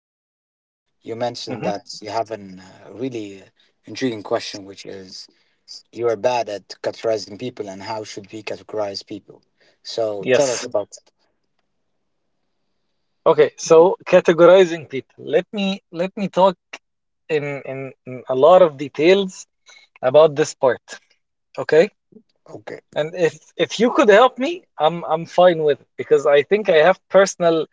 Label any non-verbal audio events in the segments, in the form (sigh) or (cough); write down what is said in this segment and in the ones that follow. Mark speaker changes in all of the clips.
Speaker 1: episode, you mentioned
Speaker 2: Hmm.
Speaker 1: that you have an really intriguing question, which is you are bad at categorizing people and how should we categorize people? So, tell us
Speaker 2: Yes.
Speaker 1: about.
Speaker 2: Okay. So categorizing people. Let me talk in a lot of details about this part. Okay.
Speaker 1: Okay,
Speaker 2: And if you could help me, I'm fine with it because I think I have personal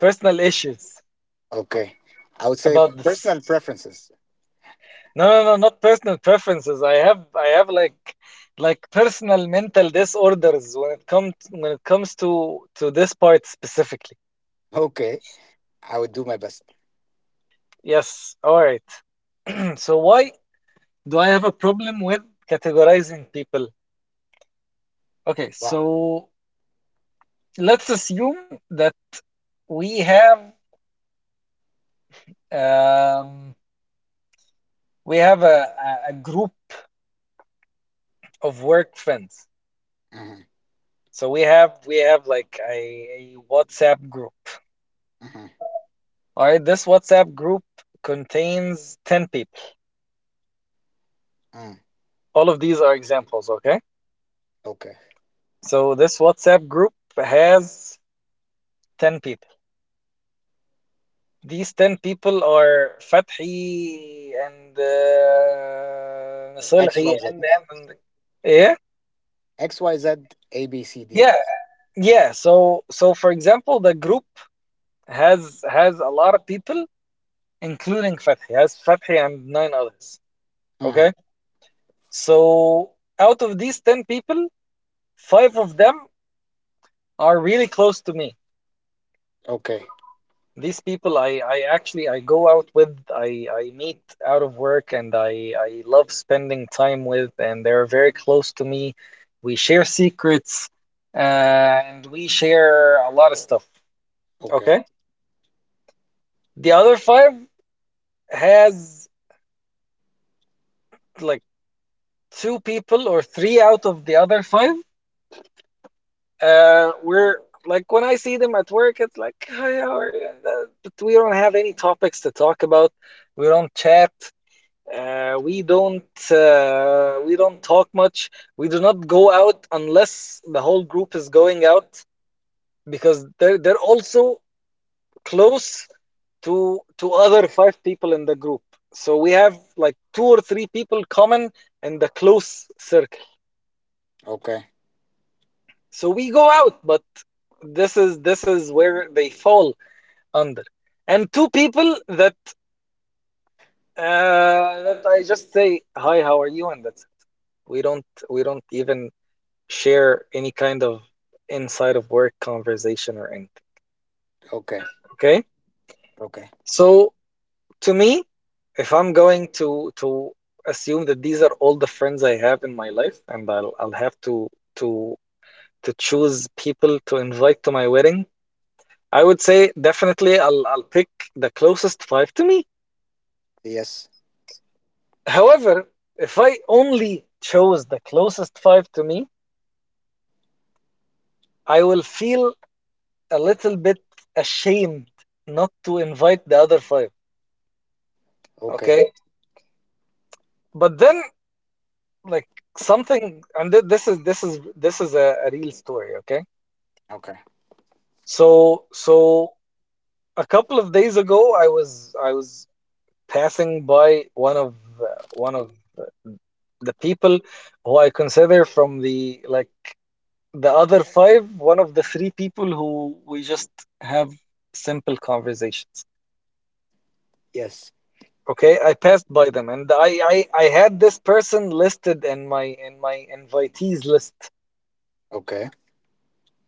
Speaker 2: personal issues
Speaker 1: okay. I would say
Speaker 2: about this.
Speaker 1: personal preferences.
Speaker 2: No, no, no, not personal preferences. I have like personal mental disorders when it comes to this part specifically.
Speaker 1: Okay, I would do my best.
Speaker 2: Yes. All right. (clears throat) So why do I have a problem with categorizing people? Okay,
Speaker 1: Right.
Speaker 2: so let's assume that we have um, we have a group of work friends.
Speaker 1: Mm-hmm,
Speaker 2: So we have like a WhatsApp group.
Speaker 1: mm-hmm,
Speaker 2: All right, this WhatsApp group contains 10 people.
Speaker 1: mm,
Speaker 2: All of these are examples, okay?
Speaker 1: okay.
Speaker 2: So this WhatsApp group has 10 people. These 10 people are Fathi and
Speaker 1: X,
Speaker 2: Salhi
Speaker 1: Y, Z.
Speaker 2: and, them. Yeah,
Speaker 1: X, Y, Z, A, B, C, D.
Speaker 2: yeah, yeah, so for example the group has a lot of people, including Fathi, has Fathi and nine others.
Speaker 1: Mm-hmm.
Speaker 2: Okay, so out of these 10 people, five of them are really close to me.
Speaker 1: Okay,
Speaker 2: These people I actually I go out with, I meet out of work and I love spending time with, and they're very close to me. We share secrets and we share a lot of stuff.
Speaker 1: okay,
Speaker 2: Okay. The other five has like two people or three out of the other five. We're like when I see them at work, it's like, hi, how are you? But we don't have any topics to talk about. We don't chat. We don't we don't talk much. We do not go out unless the whole group is going out because they're also close to other five people in the group. So we have like two or three people common in the close circle.
Speaker 1: okay,
Speaker 2: So we go out, but this is where they fall under. And two people that that I just say hi, how are you, and that's we don't even share any kind of inside of work conversation or anything.
Speaker 1: okay,
Speaker 2: Okay.
Speaker 1: okay.
Speaker 2: So to me, if I'm going to assume that these are all the friends I have in my life, and I'll have to to choose people to invite to my wedding, I would say definitely I'll pick the closest five to me.
Speaker 1: Yes,
Speaker 2: However, if I only chose the closest five to me, I will feel a little bit ashamed not to invite the other five.
Speaker 1: okay,
Speaker 2: Okay. But then, like something, and this is a real story. Okay,
Speaker 1: okay.
Speaker 2: so so a couple of days ago, I was passing by one of the people who I consider from the like the other five, one of the three people who we just have simple conversations.
Speaker 1: Yes,
Speaker 2: Okay, I passed by them and I had this person listed in my invitees list.
Speaker 1: okay.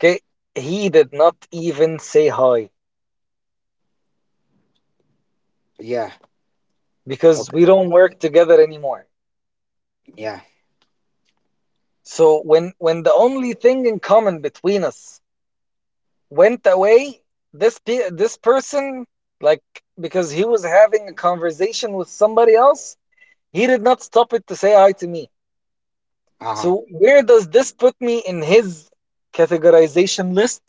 Speaker 2: Okay, he did not even say hi
Speaker 1: Yeah.
Speaker 2: because
Speaker 1: Okay.
Speaker 2: we don't work together anymore.
Speaker 1: Yeah.
Speaker 2: So when the only thing in common between us went away, this person, like, because he was having a conversation with somebody else, he did not stop it to say hi to me.
Speaker 1: Uh
Speaker 2: So
Speaker 1: huh.
Speaker 2: where does this put me in his categorization list?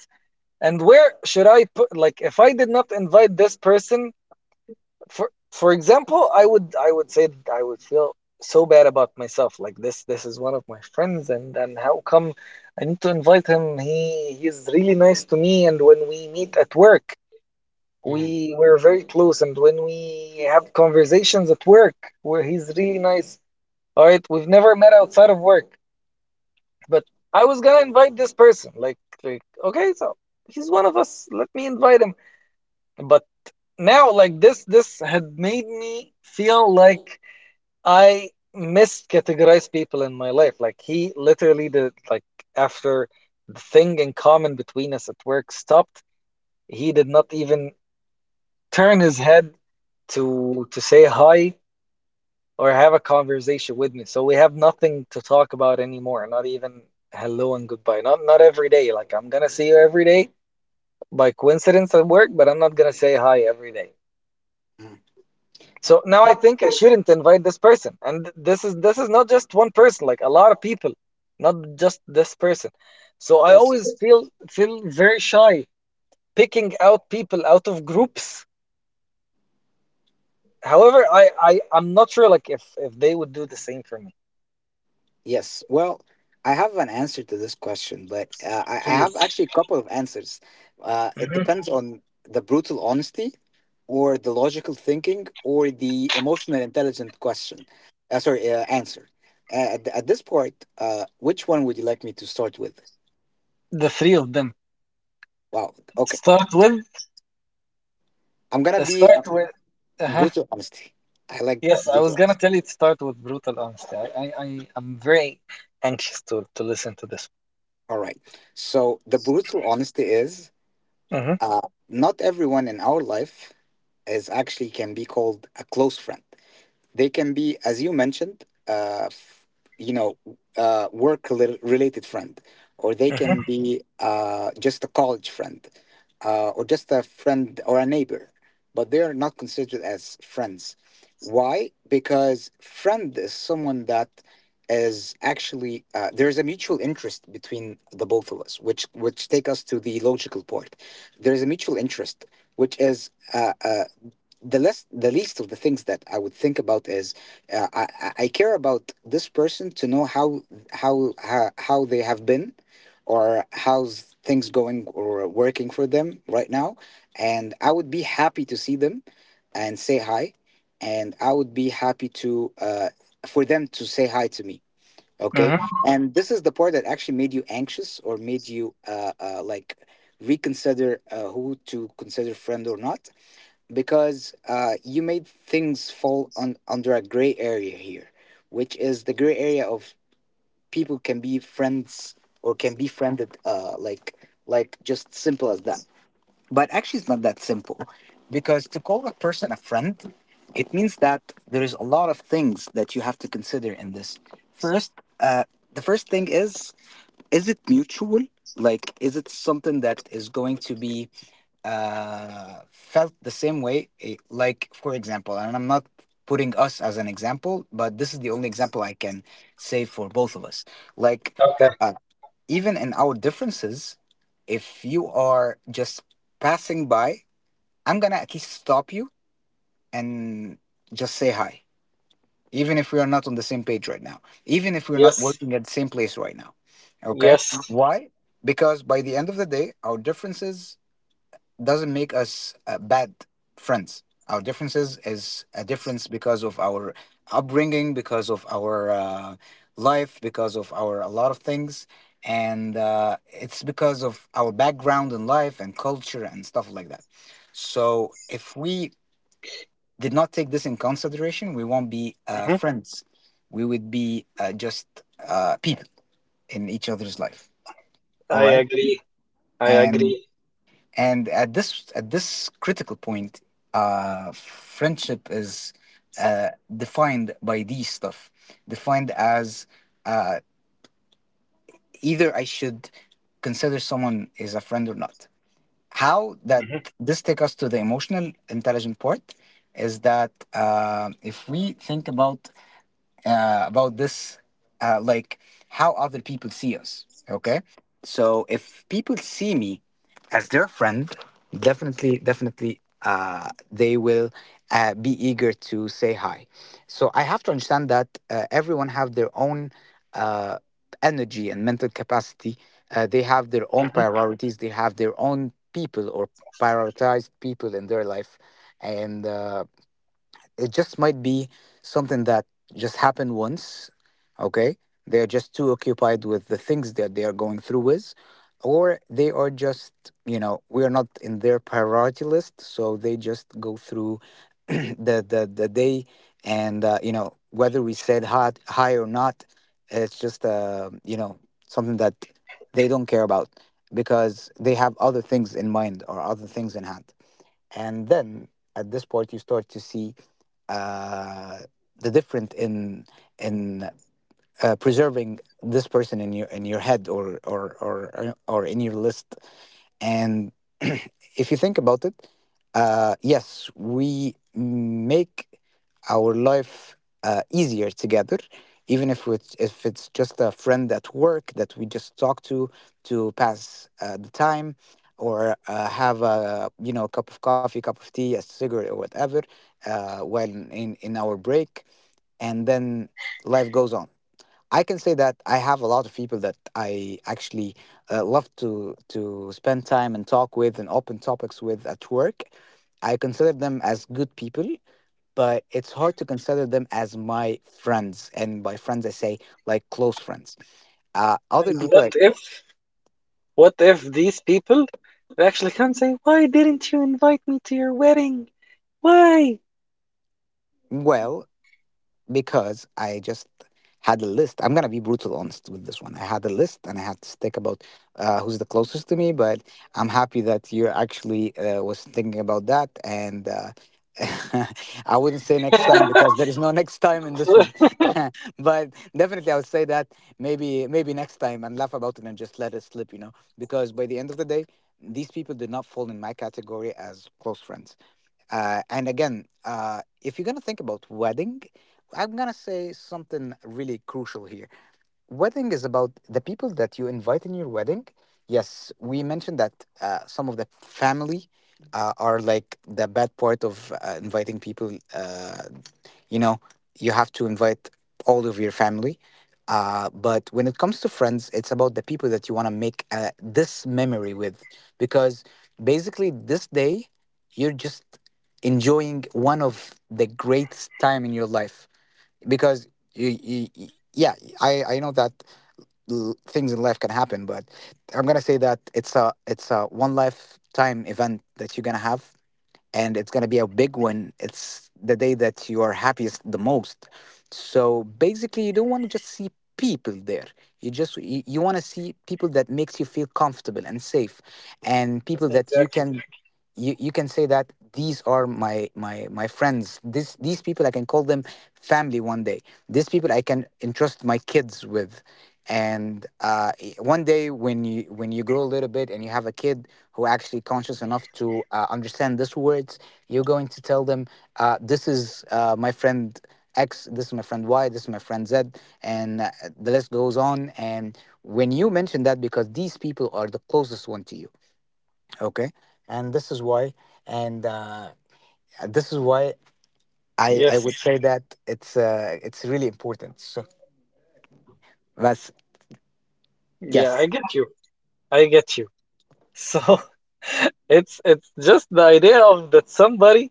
Speaker 2: And where should I put, like, if I did not invite this person, for example, I would say that I would feel so bad about myself, like this is one of my friends, and how come I need to invite him? He he's really nice to me, and when we meet at work,
Speaker 1: Hmm.
Speaker 2: we're very close, and when we have conversations at work where he's really nice. All right, we've never met outside of work, but I was gonna invite this person, like, okay, so he's one of us, let me invite him. But now, like, this had made me feel like I miscategorize people in my life. Like, he literally did, like, after the thing in common between us at work stopped, he did not even turn his head to say hi or have a conversation with me. So we have nothing to talk about anymore. Not even hello and goodbye. Not not every day. Like, I'm gonna see you every day by coincidence at work, but I'm not gonna say hi every day. So now I think I shouldn't invite this person. And this is not just one person, like a lot of people, not just this person. So I
Speaker 1: Yes.
Speaker 2: always feel very shy picking out people out of groups. However, I'm not sure, like, if they would do the same for me.
Speaker 1: Yes. Well, I have an answer to this question, but I have
Speaker 2: Please.
Speaker 1: actually a couple of answers. It
Speaker 2: Hmm.
Speaker 1: depends on the brutal honesty, or the logical thinking, or the emotional intelligent question. Answer. At this point, which one would you like me to start with?
Speaker 2: The three of them.
Speaker 1: Wow. Okay.
Speaker 2: Start with
Speaker 1: I'm gonna be
Speaker 2: start with uh-huh.
Speaker 1: Brutal honesty. I like
Speaker 2: Yes, I
Speaker 1: brutal
Speaker 2: was gonna
Speaker 1: honesty.
Speaker 2: tell you to start with brutal honesty. I I'm very anxious to listen to this.
Speaker 1: All right. So the brutal honesty is.
Speaker 2: Mm-hmm.
Speaker 1: Uh, Not everyone in our life is actually can be called a close friend. They can be, as you mentioned, you know, work related friend, or they can
Speaker 2: Mm-hmm.
Speaker 1: be just a college friend, or just a friend or a neighbor. But they are not considered as friends. Why? Because friend is someone that is actually there is a mutual interest between the both of us, which take us to the logical part. There is a mutual interest, which is. The less the least of the things that I would think about is I care about this person to know how they have been or how's things going or working for them right now, and I would be happy to see them and say hi, and I would be happy to for them to say hi to me, okay,
Speaker 2: Mm-hmm.
Speaker 1: and this is the part that actually made you anxious or made you like reconsider who to consider friend or not, because you made things fall on, under a gray area here, which is the gray area of people can be friends or can be friended, like just simple as that. But actually, it's not that simple because to call a person a friend, it means that there is a lot of things that you have to consider in this. First, uh, the first thing is it mutual? Like, is it something that is going to be felt the same way? Like, for example, and I'm not putting us as an example, but this is the only example I can say for both of us. Like,
Speaker 2: Okay.
Speaker 1: uh, Even in our differences, if you are just passing by, I'm gonna at least stop you and just say hi, even if we are not on the same page right now, even if we're not
Speaker 2: Yes.
Speaker 1: working at the same place right now. Okay,
Speaker 2: Yes.
Speaker 1: why? Because by the end of the day, our differences doesn't make us bad friends. Our differences is a difference because of our upbringing, because of our life, because of our a lot of things, and it's because of our background in life and culture and stuff like that. So if we did not take this in consideration, we won't be
Speaker 2: Hmm.
Speaker 1: friends. We would be just people in each other's life. All
Speaker 2: I
Speaker 1: right,
Speaker 2: agree. I
Speaker 1: and
Speaker 2: agree.
Speaker 1: and at this critical point, friendship is uh defined by these stuff, defined as uh either I should consider someone is a friend or not, how that.
Speaker 2: Hmm.
Speaker 1: This take us to the emotional intelligent part, is that if we think about uh, about this, like how other people see us. Okay, so if people see me as their friend, definitely, definitely, they will be eager to say hi. So I have to understand that everyone have their own uh, energy and mental capacity. They have their own
Speaker 2: Hmm.
Speaker 1: priorities. They have their own people or prioritized people in their life, and. It just might be something that just happened once, okay. They're just too occupied with the things that they are going through with, or they are just, you know, we are not in their priority list, so they just go through (clears throat) the day, and you know, whether we said hot hi or not, it's just, you know, something that they don't care about because they have other things in mind or other things in hand. And then at this point you start to see uh, the different in preserving this person in your head, or in your list. And (clears throat) if you think about it, yes, we make our life easier together, even if it's just a friend at work that we just talk to pass the time, or have a, you know, cup of coffee, cup of tea, a cigarette, or whatever, while in our break, and then life goes on. I can say that I have a lot of people that I actually love to spend time and talk with and open topics with at work. I consider them as good people, but it's hard to consider them as my friends. And by friends, I say like close friends. Uh, other
Speaker 2: And
Speaker 1: people, I,
Speaker 2: what if these people actually come say, "Why didn't you invite me to your wedding? Why?"
Speaker 1: well, because I just had a list. I'm gonna be brutal honest with this one. I had a list and I had to stick about who's the closest to me. But I'm happy that you actually was thinking about that, and (laughs) I wouldn't say next time because
Speaker 2: (laughs)
Speaker 1: there is no next time in this one. (laughs) But definitely, I would say that maybe next time, and laugh about it and just let it slip, you know, because by the end of the day. These people did not fall in my category as close friends, and again, if you're gonna think about wedding, I'm gonna say something really crucial here. Wedding is about the people that you invite in your wedding. Yes, we mentioned that some of the family are like the bad part of inviting people. You know, you have to invite all of your family, but when it comes to friends it's about the people that you want to make this memory with, because basically this day you're just enjoying one of the greatest time in your life because you yeah, I know that things in life can happen, but I'm gonna say that it's a one lifetime event that you're gonna have, and it's going to be a big one. It's the day that you are happiest the most. So basically, you don't want to just see people there. You just you want to see people that makes you feel comfortable and safe, and people that
Speaker 2: Exactly.
Speaker 1: you can, you can say that these are my friends, this these people I can call them family one day, these people I can entrust my kids with, and one day when you grow a little bit and you have a kid who actually conscious enough to understand these words, you're going to tell them, this is my friend X, this is my friend Y, this is my friend Z, and the list goes on. And when you mention that, because these people are the closest one to you, okay, and this is why, and this is why I
Speaker 2: Yes.
Speaker 1: would say that it's really important, so that's.
Speaker 2: Yeah,
Speaker 1: Yes,
Speaker 2: I get you. I get you. So (laughs) it's just the idea of that somebody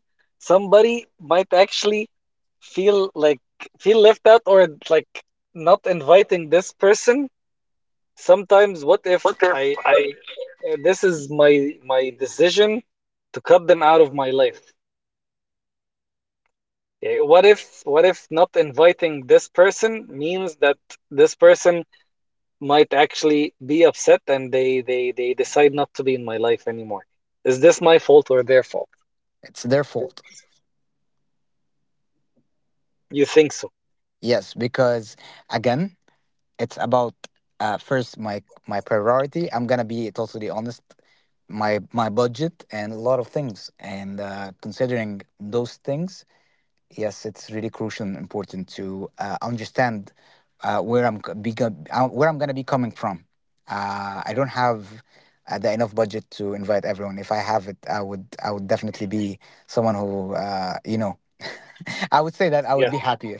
Speaker 2: somebody might actually feel like feel left out, or like not inviting this person. Sometimes, what if I, I this is my my decision to cut them out of my life? Yeah. What if, what if not inviting this person means that this person might actually be upset and they decide not to be in my life anymore? Is this my fault or their fault?
Speaker 1: it's their fault.
Speaker 2: You think so?
Speaker 1: Yes, because again, it's about first my priority, I'm gonna be totally honest, my budget and a lot of things, and considering those things, yes, it's really crucial and important to understand where I'm where I'm gonna be coming from. I don't have the enough budget to invite everyone. If I have it, I would definitely be someone who, you know. (laughs) I would say that I would
Speaker 2: Yeah.
Speaker 1: be happier.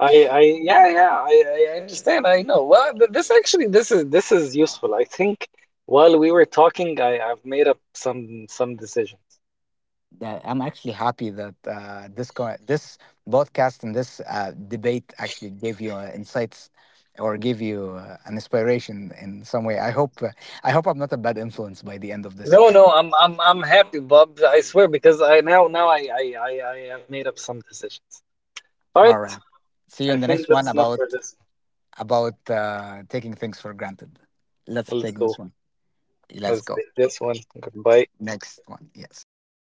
Speaker 2: I yeah, yeah, I understand. I know. Well, this actually, this is useful. I think while we were talking, I I've made up some decision.
Speaker 1: That I'm actually happy that this cor- this podcast and this debate actually gave you insights or give you an inspiration in some way. I hope, I hope I'm not a bad influence by the end of this.
Speaker 2: No, no, I'm I'm happy, Bob. I swear, because I now I have made up some decisions. All
Speaker 1: All
Speaker 2: right,
Speaker 1: right. See you
Speaker 2: I
Speaker 1: in the
Speaker 2: think
Speaker 1: next one
Speaker 2: that's enough
Speaker 1: about
Speaker 2: for this.
Speaker 1: taking things for granted. Let's
Speaker 2: Let's
Speaker 1: take
Speaker 2: go.
Speaker 1: this one. Let's
Speaker 2: Let's
Speaker 1: go.
Speaker 2: take this one. Goodbye.
Speaker 1: Next one. Yes. Bye bye.